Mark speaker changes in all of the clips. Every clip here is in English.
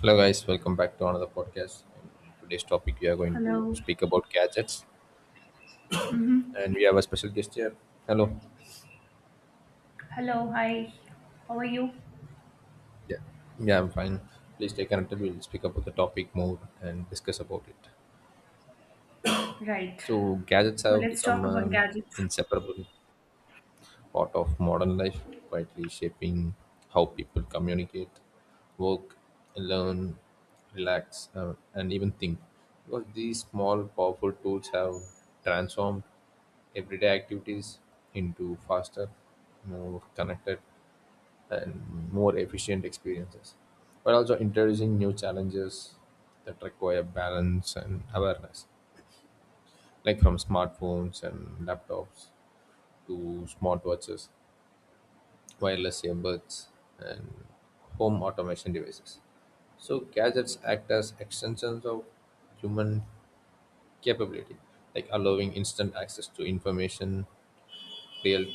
Speaker 1: Hello, guys. Welcome back to another podcast. And today's topic, we are going to
Speaker 2: Hello.
Speaker 1: speak about gadgets,
Speaker 2: Hmm.
Speaker 1: and we have a special guest here. Hello.
Speaker 2: Hello. Hi. How are you?
Speaker 1: Yeah. Yeah, I'm fine. Please stay connected. We'll speak about the topic more and discuss about it.
Speaker 2: Right.
Speaker 1: So, gadgets
Speaker 2: So
Speaker 1: have
Speaker 2: let's
Speaker 1: become
Speaker 2: talk about
Speaker 1: an
Speaker 2: gadgets.
Speaker 1: inseparable part of modern life, quietly shaping how people communicate, work, learn, relax, and even think. Because these small, powerful tools have transformed everyday activities into faster, more connected, and more efficient experiences, but also introducing new challenges that require balance and awareness, like from smartphones and laptops to smartwatches, wireless earbuds, and home automation devices. So gadgets act as extensions of human capability, like allowing instant access to information, real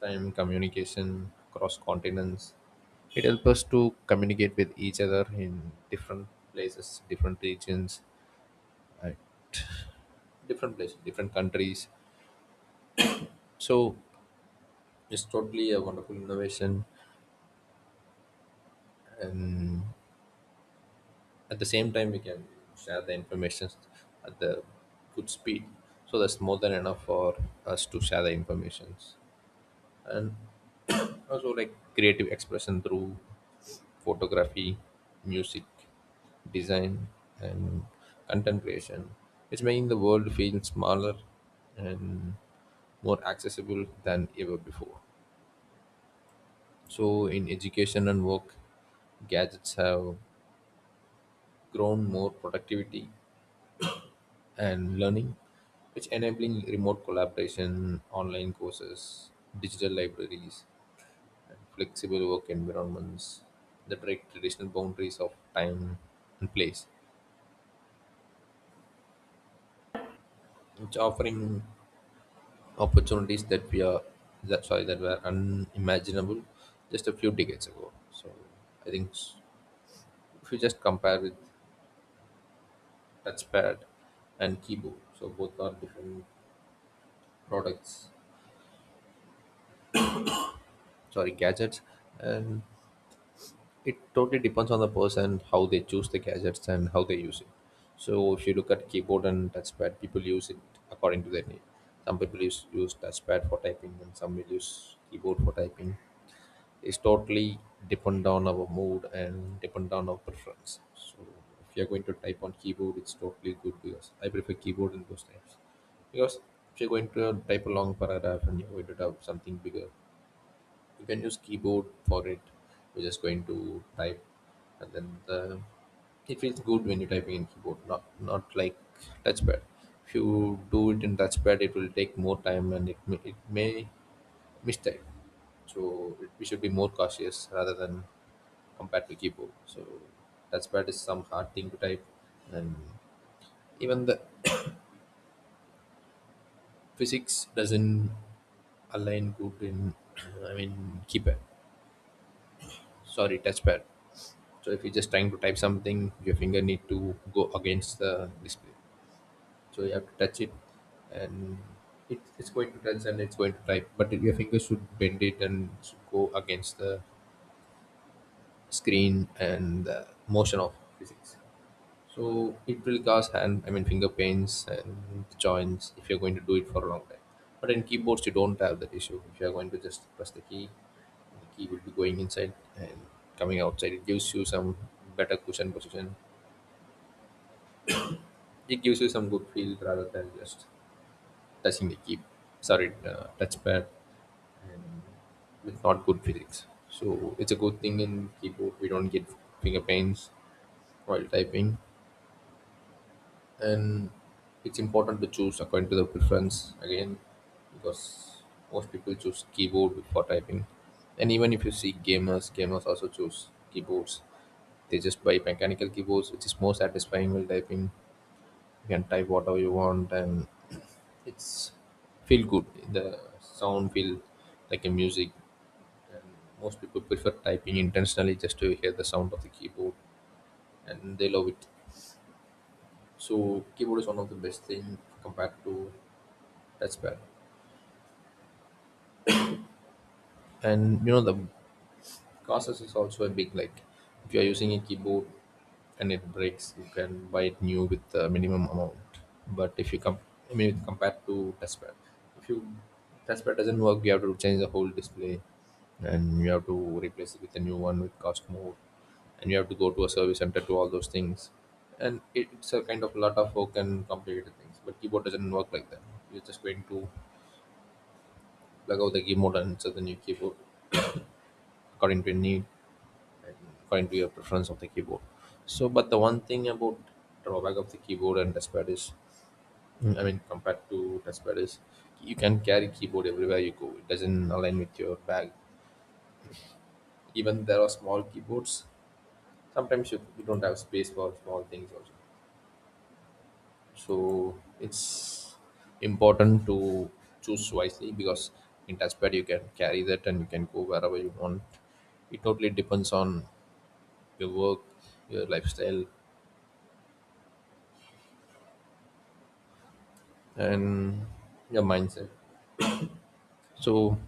Speaker 1: time, communication across continents. It helps us to communicate with each other in different places, different regions, uh, different places, different countries. So it's totally a wonderful innovation. And at the same time, we can share the information at the good speed. So that's more than enough for us to share the informations. And also like creative expression through photography, music, design, and content creation, it's making the world feel smaller and more accessible than ever before. So in education and work, gadgets have grown more productivity and learning, which enabling remote collaboration, online courses, digital libraries, flexible work environments that break traditional boundaries of time and place, which offering opportunities that we are that sorry that were unimaginable just a few decades ago. So I think if you just compare with touchpad and keyboard, so both are different products, sorry gadgets, and it totally depends on the person, how they choose the gadgets and how they use it. So if you look at keyboard and touchpad, people use it according to their need. Some people use touchpad for typing and some will use keyboard for typing. It's totally depend on our mood and depend on our preference. So if you're going to type on keyboard, it's totally good because I prefer keyboard in those types. Because if you're going to type a long paragraph and you're going to type something bigger, you can use keyboard for it. You're just going to type, and it feels good when you're typing in keyboard, not like touchpad. If you do it in touchpad, it will take more time, and it may mistype. So it, we should be more cautious rather than compared to keyboard. So touchpad is some hard thing to type, and even the physics doesn't align good in I mean keypad sorry touchpad So if you're just trying to type something, your finger need to go against the display. So you have to touch it, and it's going to touch and it's going to type. But your finger should bend it and should go against the screen and the motion of physics. So it will cause hand, I mean finger pains and joints if you're going to do it for a long time. But in keyboards, you don't have that issue. If you're going to just press the key will be going inside and coming outside. It gives you some better cushion position. It gives you some good feel rather than just touching the key sorry touchpad, and with not good feelings. So it's a good thing, in keyboard we don't get finger pains while typing. And it's important to choose according to the preference again, because most people choose keyboard for typing. And even if you see gamers, gamers also choose keyboards. They just buy mechanical keyboards, which is more satisfying while typing. You can type whatever you want, and it's feel good, the sound feel like a music. And most people prefer typing intentionally just to hear the sound of the keyboard, and they love it. So keyboard is one of the best thing compared to touchpad. And you know, the cost is also a big, like if you are using a keyboard and it breaks, you can buy it new with the minimum amount. But if you come, I mean compared to touchpad, if you touchpad doesn't work, you have to change the whole display, and you have to replace it with a new one, which cost more. And you have to go to a service center to all those things, and it's a kind of lot of work and complicated things. But keyboard doesn't work like that. You're just going to plug out the keyboard and insert the new keyboard according to your need and according to your preference of the keyboard. So but the one thing about drawback of the keyboard and touchpad is, compared to touchpad is, you can carry keyboard everywhere you go. It doesn't align with your bag. Even there are small keyboards. Sometimes you don't have space for small things also. So it's important to choose wisely, because in touchpad you can carry that and you can go wherever you want. It totally depends on your work, your lifestyle, and your mindset. So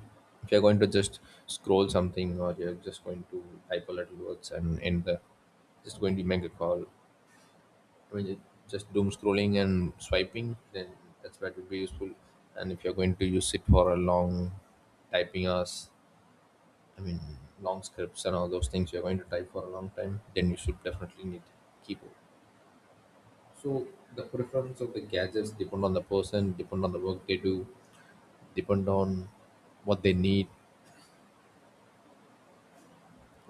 Speaker 1: if you're going to just scroll something, or you're just going to type a little words and end the just going to make a call. I mean just doom scrolling and swiping, then that's where it would be useful. And if you're going to use it for a long typing us I mean long scripts and all those things, you're going to type for a long time, then you should definitely need keyboard. So the preference of the gadgets depend on the person, depend on the work they do, depend on what they need.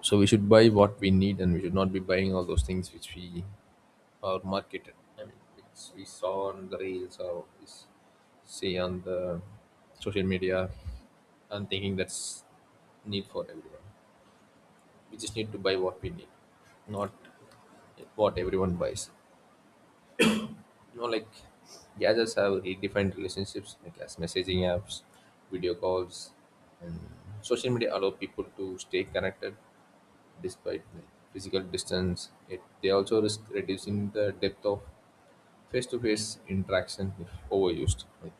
Speaker 1: So we should buy what we need, and we should not be buying all those things which we are marketed. I mean, which we saw on the reels, or we see on the social media, and thinking that's need for everyone. We just need to buy what we need, not what everyone buys. You know, like gadgets have redefined relationships, like as messaging apps, video calls, and social media allow people to stay connected. Despite the physical distance, it they also risk reducing the depth of face-to-face interaction if overused, like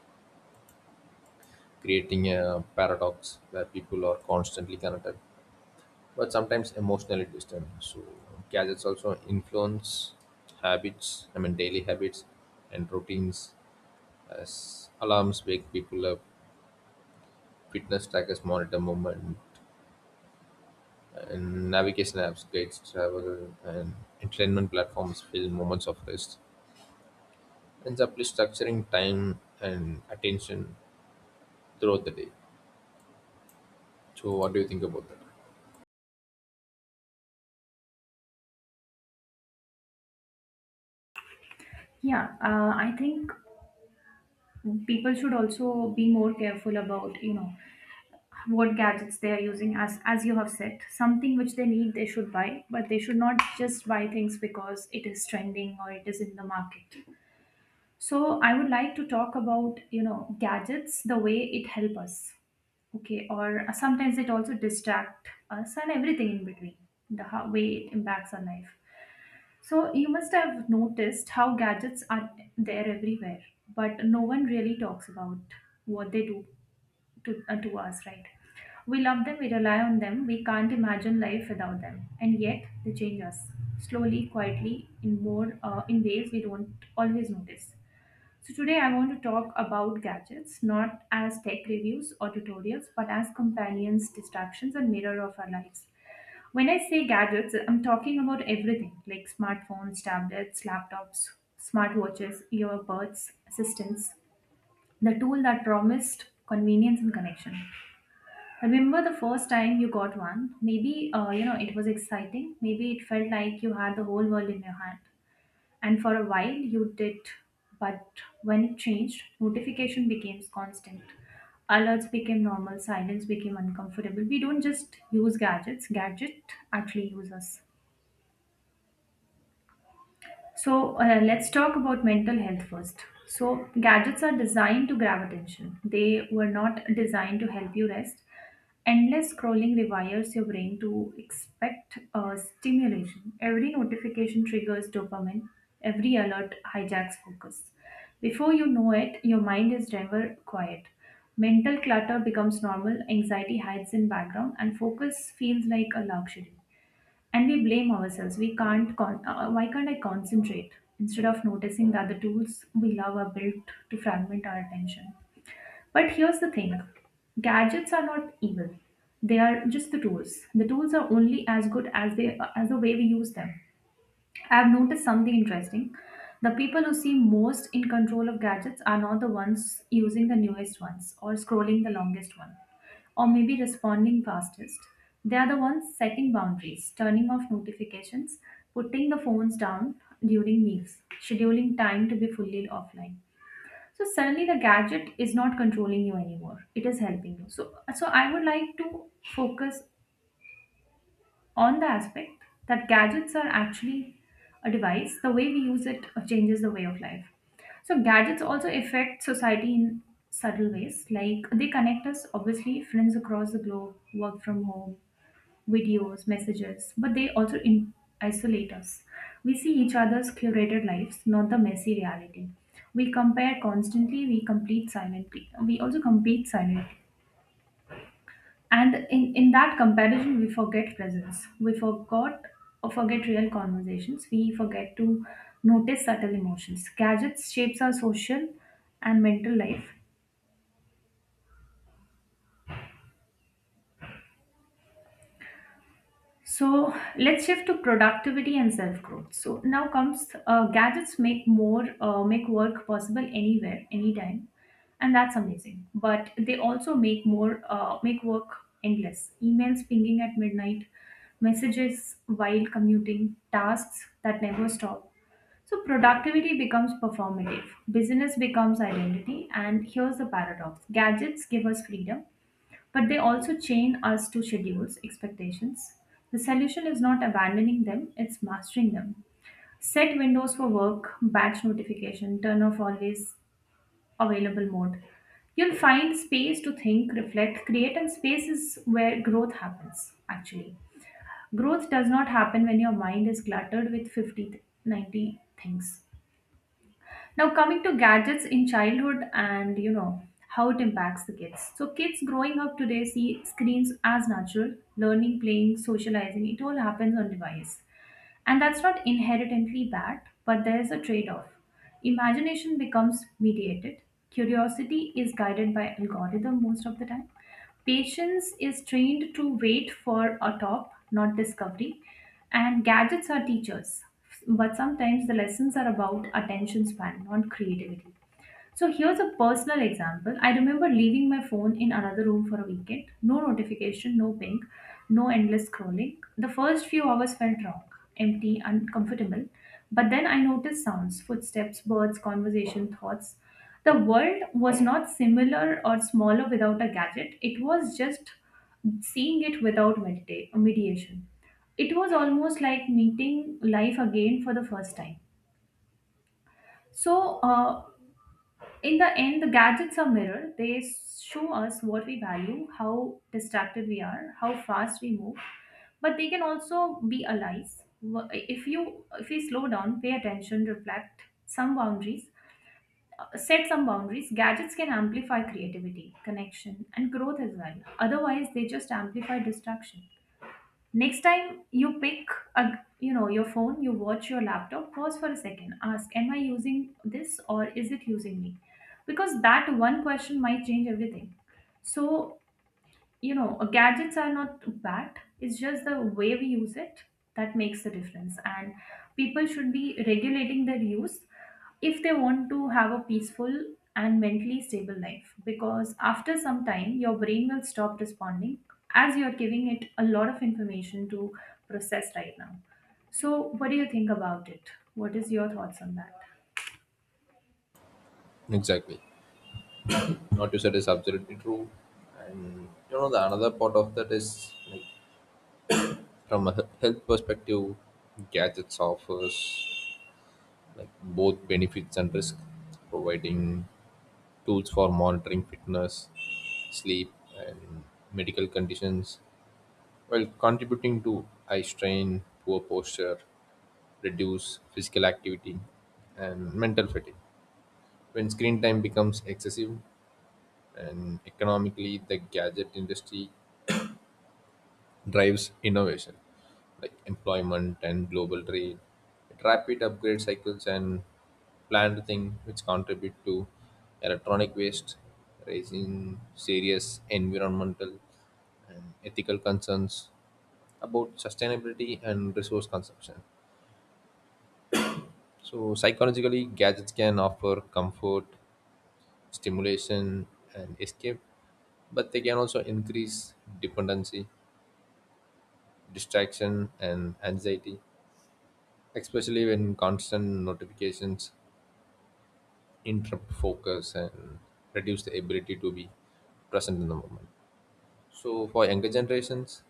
Speaker 1: creating a paradox where people are constantly connected but sometimes emotionally distant. So gadgets also influence habits, I mean daily habits and routines, as alarms wake people up, fitness trackers monitor movement, and navigation apps guides travel, and entertainment platforms fill moments of rest, ends up structuring time and attention throughout the day. So, what do you think about that?
Speaker 2: Yeah, I think people should also be more careful about, what gadgets they are using. As you have said, something which they need, they should buy, but they should not just buy things because it is trending or it is in the market. So I would like to talk about, gadgets, the way it help us. Okay, or sometimes it also distract us and everything in between, the how, way it impacts our life. So you must have noticed how gadgets are there everywhere, but no one really talks about what they do to us, right? We love them, we rely on them, we can't imagine life without them, and yet they change us slowly, quietly, in ways we don't always notice. So today I want to talk about gadgets not as tech reviews or tutorials, but as companions, distractions, and mirror of our lives. When I say gadgets, I'm talking about everything like smartphones, tablets, laptops, smartwatches, earbuds, assistants, the tool that promised convenience and connection. Remember the first time you got one? Maybe it was exciting. Maybe it felt like you had the whole world in your hand. And for a while you did, but when it changed, notification became constant. Alerts became normal, silence became uncomfortable. We don't just use gadgets, gadget actually use us. So let's talk about mental health first. So gadgets are designed to grab attention. They were not designed to help you rest. Endless scrolling rewires your brain to expect stimulation. Every notification triggers dopamine. Every alert hijacks focus. Before you know it, your mind is never quiet. Mental clutter becomes normal, anxiety hides in background, and focus feels like a luxury, and we blame ourselves. We can't con- Why can't I concentrate, instead of noticing that the tools we love are built to fragment our attention? But here's the thing, gadgets are not evil. They are just the tools. The tools are only as good as the way we use them. I've noticed something interesting. The people who seem most in control of gadgets are not the ones using the newest ones or scrolling the longest one, or maybe responding fastest. They are the ones setting boundaries, turning off notifications, putting the phones down during meals, scheduling time to be fully offline. So suddenly the gadget is not controlling you anymore. It is helping you. So I would like to focus on the aspect that gadgets are actually a device. The way we use it changes the way of life. So gadgets also affect society in subtle ways. Like they connect us, obviously, friends across the globe, work from home, videos, messages, but they also isolate us. We see each other's curated lives, not the messy reality. We compare constantly, we compete silently. We also compete silently, and in that comparison we forget presence, we forgot or forget real conversations, we forget to notice subtle emotions. Gadgets shapes our social and mental life. So let's shift to productivity and self growth. So now comes gadgets make more make work possible anywhere, anytime, and that's amazing. But they also make work endless. Emails pinging at midnight, messages while commuting, tasks that never stop. So productivity becomes performative, business becomes identity, and here's the paradox: gadgets give us freedom, but they also chain us to schedules, expectations. The solution is not abandoning them, it's mastering them. Set windows for work, batch notification, turn off always available mode. You'll find space to think, reflect, create, and space is where growth happens, actually. Growth does not happen when your mind is cluttered with 50, 90 things. Now, coming to gadgets in childhood and you know how it impacts the kids. So kids growing up today see screens as natural, learning, playing, socializing, it all happens on device. And that's not inherently bad, but there is a trade off. Imagination becomes mediated, curiosity is guided by algorithm most of the time, patience is trained to wait for a top, not discovery, and gadgets are teachers. But sometimes the lessons are about attention span, not creativity. So here's a personal example. I remember leaving my phone in another room for a weekend. No notification, no ping, no endless scrolling. The first few hours felt wrong, empty, uncomfortable. But then I noticed sounds, footsteps, birds, conversation, thoughts. The world was not similar or smaller without a gadget. It was just seeing it without mediation. It was almost like meeting life again for the first time. So, in the end, the gadgets are mirror. They show us what we value, how distracted we are, how fast we move, but they can also be allies. If we slow down, pay attention, set some boundaries, gadgets can amplify creativity, connection, and growth as well. Otherwise, they just amplify distraction. Next time you pick your phone, you watch your laptop, pause for a second, ask, am I using this or is it using me? Because that one question might change everything. So you know, gadgets are not bad. It's just the way we use it that makes the difference. And people should be regulating their use if they want to have a peaceful and mentally stable life. Because after some time, your brain will stop responding as you're giving it a lot of information to process right now. So what do you think about it? What is your thoughts on that?
Speaker 1: Exactly. What you said is absolutely true. And you know, the another part of that is, like from a health perspective, gadgets offers like both benefits and risk, providing tools for monitoring fitness, sleep, and medical conditions, while contributing to eye strain, poor posture, reduce physical activity, and mental fatigue when screen time becomes excessive. And economically, the gadget industry drives innovation, like employment and global trade. It rapid upgrade cycles, and planned thing which contribute to electronic waste, raising serious environmental and ethical concerns about sustainability and resource consumption. So, psychologically, gadgets can offer comfort, stimulation, and escape, but they can also increase dependency, distraction, and anxiety, especially when constant notifications interrupt focus and reduce the ability to be present in the moment. So, for younger generations,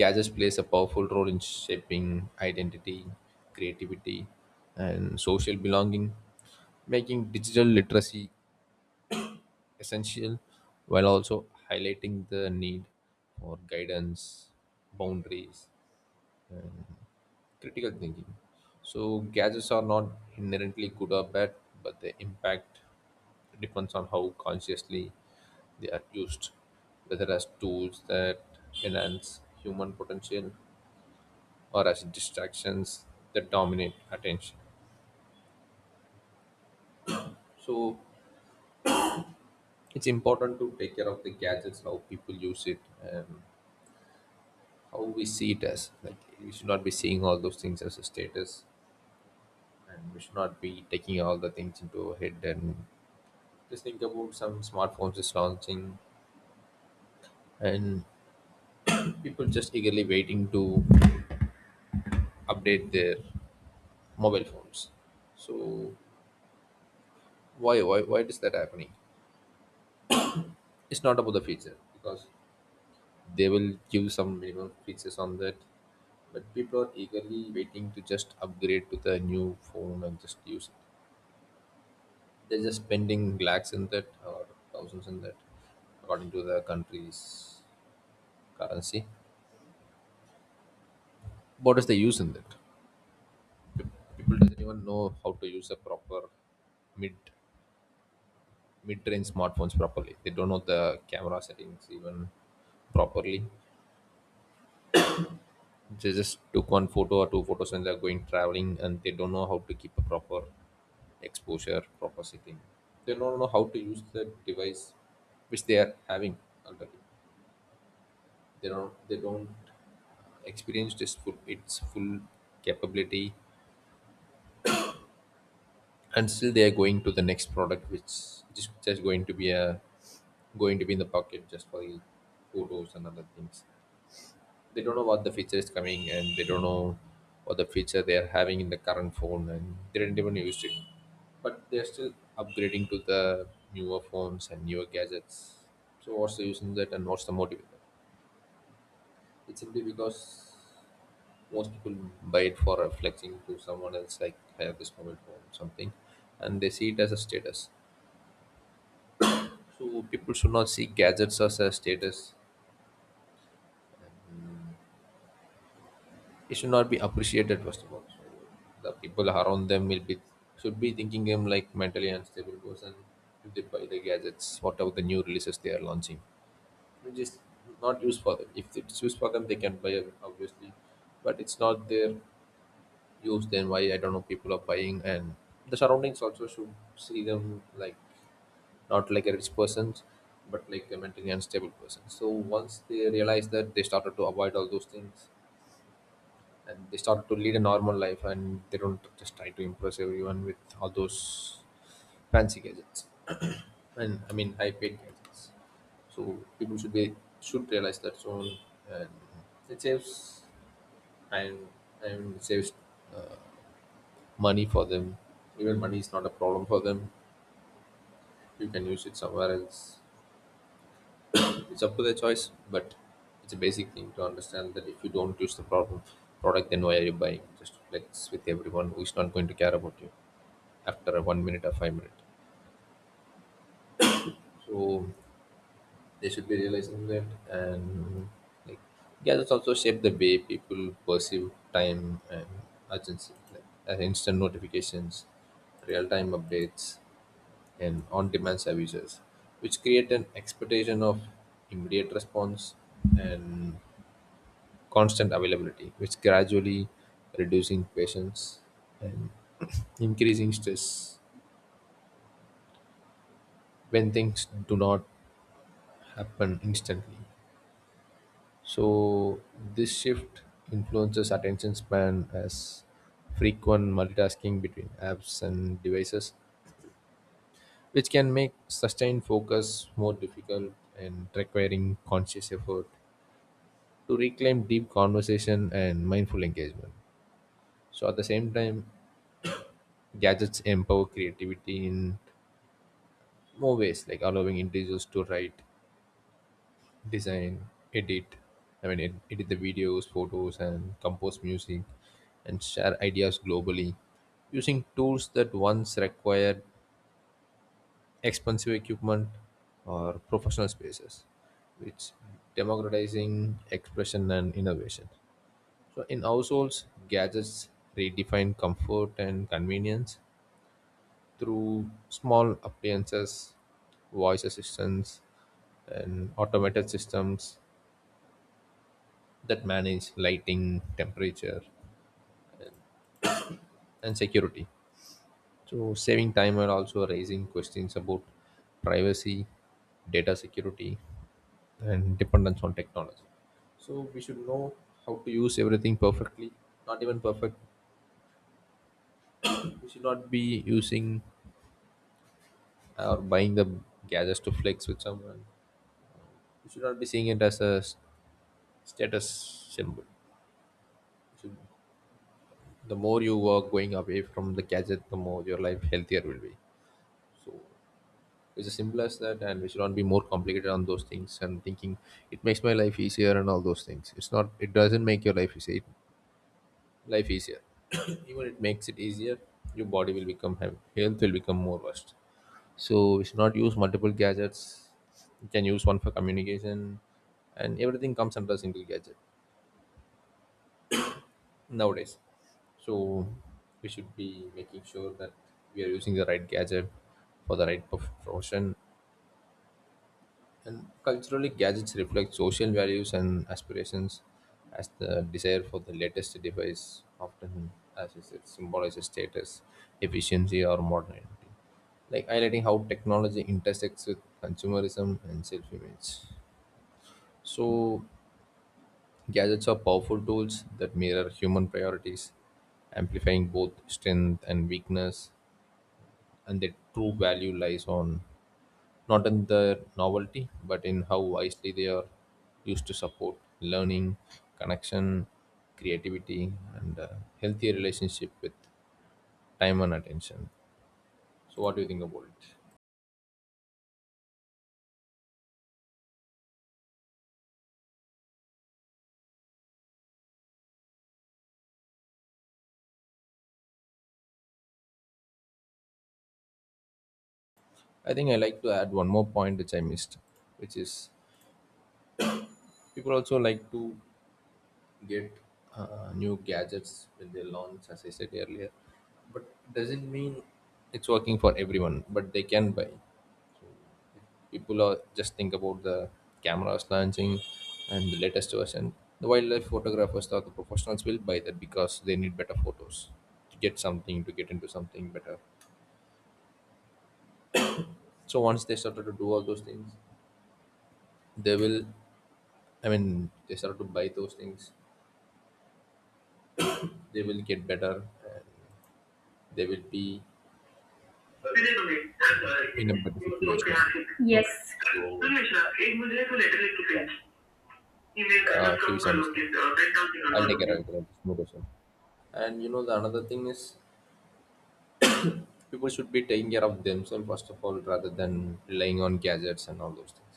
Speaker 1: gadgets plays a powerful role in shaping identity, creativity, and social belonging, making digital literacy essential, while also highlighting the need for guidance, boundaries, critical thinking. So, gadgets are not inherently good or bad, but the impact depends on how consciously they are used, whether as tools that enhance human potential or as distractions that dominate attention. So, it's important to take care of the gadgets, how people use it, and how we see it. As like, we should not be seeing all those things as a status, and we should not be taking all the things into our head and just think about some smartphones is launching, and people just eagerly waiting to update their mobile phones. So why why is that happening? It's not about the feature, because they will give some minimum features on that, but people are eagerly waiting to just upgrade to the new phone and just use it. They're just spending lakhs in that, or thousands in that, according to the country's currency. What is the use in that? Pe- People doesn't even know how to use a proper mid mid-range smartphones properly. They don't know the camera settings even properly. They just took one photo or two photos, and they're going traveling, and they don't know how to keep a proper exposure, proper setting. They don't know how to use the device which they are having already. They don't experienced its full capability, and still they are going to the next product, which just going to be a going to be in the pocket just for the photos and other things. They don't know what the feature is coming, and they don't know what the feature they are having in the current phone, and they didn't even use it, but they're still upgrading to the newer phones and newer gadgets. So what's the use in that, and what's the motive in that? It's simply because most people buy it for reflecting to someone else, like I have this moment or something, and they see it as a status. So people should not see gadgets as a status. It should not be appreciated first of all, so the people around them will be should be thinking them like mentally unstable person if they buy the gadgets whatever the new releases they are launching, which is not used for them. If it's used for them, they can buy it obviously, but it's not there use. Then why, I don't know, people are buying. And the surroundings also should see them like not like a rich person, but like a mentally unstable person. So once they realize that, they started to avoid all those things, and they started to lead a normal life, and they don't just try to impress everyone with all those fancy gadgets and high paid gadgets. So people should be should realize that soon, and it saves, and and it saves uh, money for them. Even money is not a problem for them. You can use it somewhere else. It's up to their choice, but it's a basic thing to understand that if you don't use the problem product, then why are you buying? Just to flex with everyone who is not going to care about you after a 1 minute or 5 minute. So they should be realizing that, and like yeah, that's also shape the way people perceive time and urgency, like instant notifications, real time updates, and on-demand services, which create an expectation of immediate response and constant availability, which gradually reducing patience and increasing stress when things do not happen instantly. So this shift influences attention span as frequent multitasking between apps and devices, which can make sustained focus more difficult and requiring conscious effort to reclaim deep conversation and mindful engagement. So at the same time, gadgets empower creativity in more ways, like allowing individuals to write, design, edit, edit the videos, photos, and compose music, and share ideas globally using tools that once required expensive equipment or professional spaces, which democratizing expression and innovation. So in households, gadgets redefine comfort and convenience through small appliances, voice assistants, and automated systems that manage lighting, temperature, and security. So saving time and also raising questions about privacy, data security, and dependence on technology. So we should know how to use everything perfectly. Not even perfect. We should not be using or buying the gadgets to flex with someone. You should not be seeing it as a status symbol. You should, the more you work going away from the gadget, the more your life healthier will be. So it's as simple as that, and we should not be more complicated on those things and thinking it makes my life easier and all those things. It's not. It doesn't make your life easier. Life easier. Even it makes it easier. Your body will become health will become more worst. So we should not use multiple gadgets. We can use one for communication, and everything comes under a single gadget nowadays. So we should be making sure that we are using the right gadget for the right profession. And culturally, gadgets reflect social values and aspirations, as the desire for the latest device often, as you said, symbolizes status, efficiency, or modernity, like highlighting how technology intersects with consumerism and self-image. So, gadgets are powerful tools that mirror human priorities, amplifying both strength and weakness, and their true value lies on not in their novelty, but in how wisely they are used to support learning, connection, creativity, and a healthier relationship with time and attention. So, what do you think about it? I think I like to add one more point which I missed, which is people also like to get new gadgets when they launch, as I said earlier. But doesn't mean it's working for everyone. But they can buy. People are just think about the cameras launching and the latest version. The wildlife photographers or the professionals will buy that because they need better photos to get something to get into something better. So once they started to do all those things, they will. I mean, they started to buy those things. They will get better. And they will be in a better situation.
Speaker 2: Yes.
Speaker 1: So, yeah,
Speaker 2: email कमीत
Speaker 1: TV
Speaker 2: कमी कर
Speaker 1: sound is there.
Speaker 2: लूंगी ten thousand
Speaker 1: I'll
Speaker 2: कर
Speaker 1: take care.
Speaker 2: लूंगी.
Speaker 1: I'll take care. There's no question. The another thing is people should be taking care of themselves first of all rather than relying on gadgets and all those things.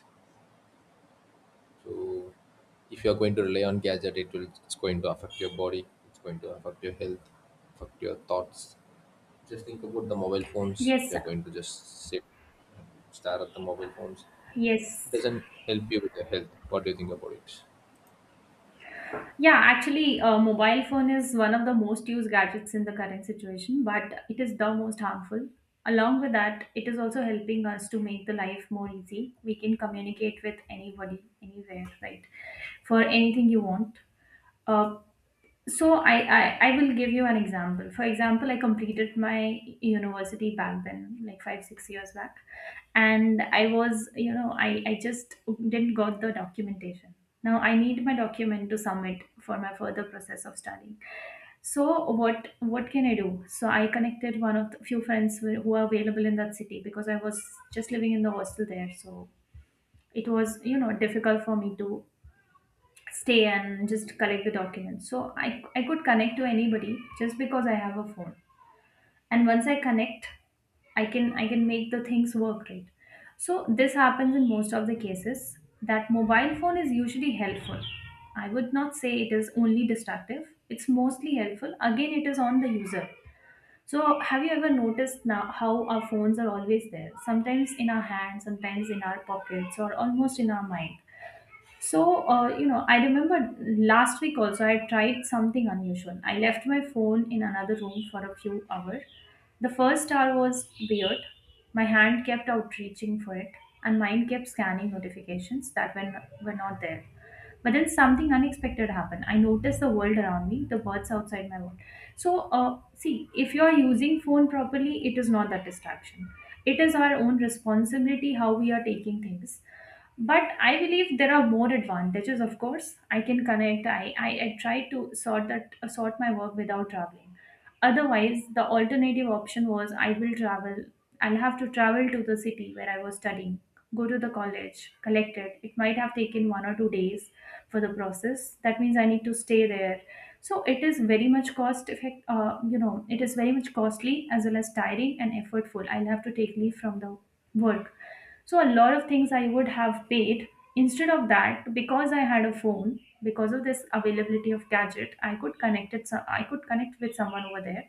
Speaker 1: So, if you're going to rely on gadget, it's going to affect your body. It's going to affect your health, affect your thoughts. Just think about the mobile phones. If
Speaker 2: Yes,
Speaker 1: you're
Speaker 2: sir.
Speaker 1: going to just sit and stare at the mobile phones, it
Speaker 2: Yes.
Speaker 1: doesn't help you with your health. What do you think about it?
Speaker 2: Yeah, actually, mobile phone is one of the most used gadgets in the current situation, but it is the most harmful. Along with that, it is also helping us to make the life more easy. We can communicate with anybody, anywhere, right? For anything you want. Uh, so I will give you an example. For example, I completed my university back then like 5 6 years back, and I was you know I just didn't got the documentation. Now I need my document to submit for my further process of studying. So what can I do? So I connected one of the few friends who are available in that city because I was just living in the hostel there. So it was you know difficult for me to stay and just collect the documents. So I could connect to anybody just because I have a phone. And once I connect, I can make the things work, right? So this happens in most of the cases, that mobile phone is usually helpful. I would not say it is only destructive. It's mostly helpful. Again, it is on the user. So have you ever noticed now how our phones are always there? Sometimes in our hands, sometimes in our pockets, or almost in our mind. So, I remember last week also I tried something unusual. I left my phone in another room for a few hours. The first hour was weird. My hand kept outreaching for it, and mine kept scanning notifications that were not there. But then something unexpected happened. I noticed the world around me, the birds outside my world. So, see, if you are using phone properly, it is not that distraction. It is our own responsibility how we are taking things, but I believe there are more advantages. Of course, I can connect. I try to sort my work without traveling. Otherwise the alternative option was I will travel. I'll have to travel to the city where I was studying, go to the college, collect it. It might have taken 1 or 2 days for the process. That means I need to stay there. So it is very much cost effect you know it is very much costly as well as tiring and effortful. I'll have to take leave from the work. So a lot of things I would have paid. Instead of that, because I had a phone, because of this availability of gadget, I could connect it. So I could connect with someone over there,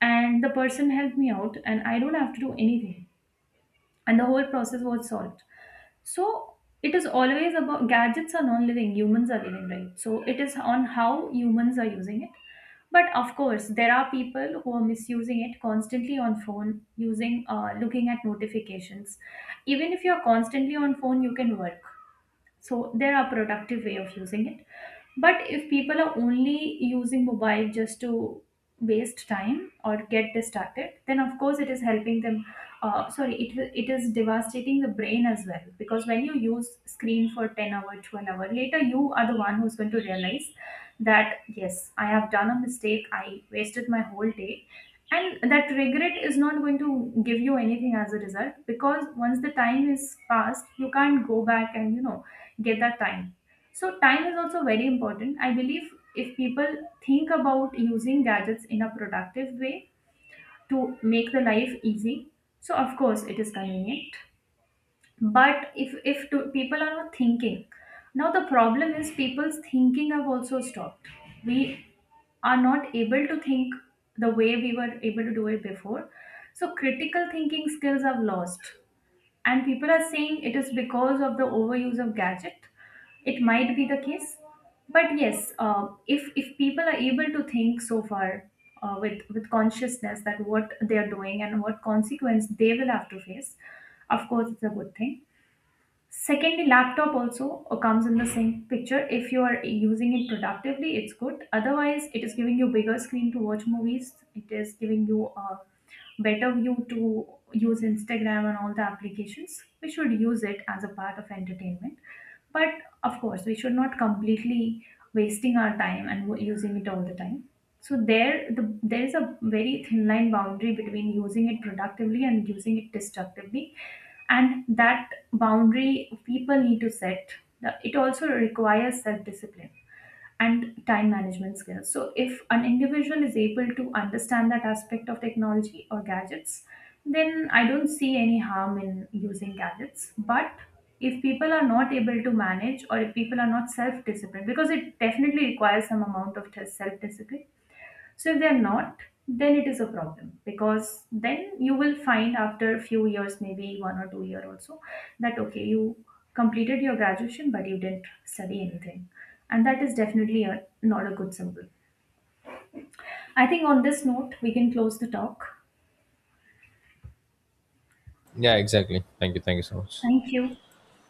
Speaker 2: and the person helped me out, and I don't have to do anything. And the whole process was solved. So it is always about gadgets are non-living, humans are living, right? So it is on how humans are using it. But of course, there are people who are misusing it, constantly on phone, using looking at notifications. Even if you're constantly on phone, you can work. So there are productive way of using it. But if people are only using mobile just to waste time or get distracted, then of course it is helping them. Sorry, it It is devastating the brain as well, because when you use screen for 10 hour, 12 hour, later you are the one who's going to realize that yes, I have done a mistake. I wasted my whole day, and that regret is not going to give you anything as a result. Because once the time is passed, you can't go back and you know get that time. So time is also very important, I believe. If people think about using gadgets in a productive way to make the life easy, so of course it is convenient. But if people are not thinking, now the problem is people's thinking have also stopped. We are not able to think the way we were able to do it before. So critical thinking skills have lost. And people are saying it is because of the overuse of gadget. It might be the case. But yes, if people are able to think so far with consciousness that what they are doing and what consequence they will have to face, of course, it's a good thing. Secondly, laptop also comes in the same picture. If you are using it productively, it's good. Otherwise, it is giving you bigger screen to watch movies. It is giving you a better view to use Instagram and all the applications. We should use it as a part of entertainment. But of course, we should not completely wasting our time and using it all the time. So there is a very thin line boundary between using it productively and using it destructively, and that boundary people need to set. It also requires self discipline and time management skills. So if an individual is able to understand that aspect of technology or gadgets, then I don't see any harm in using gadgets. But if people are not able to manage, or if people are not self disciplined, because it definitely requires some amount of self discipline, so if they're not, then it is a problem. Because then you will find after a few years, maybe 1 or 2 year also, that okay, you completed your graduation but you didn't study anything. And that is definitely a, not a good symbol. I think on this note, we can close the talk.
Speaker 1: Yeah, exactly. Thank you. Thank you so much.
Speaker 2: Thank you.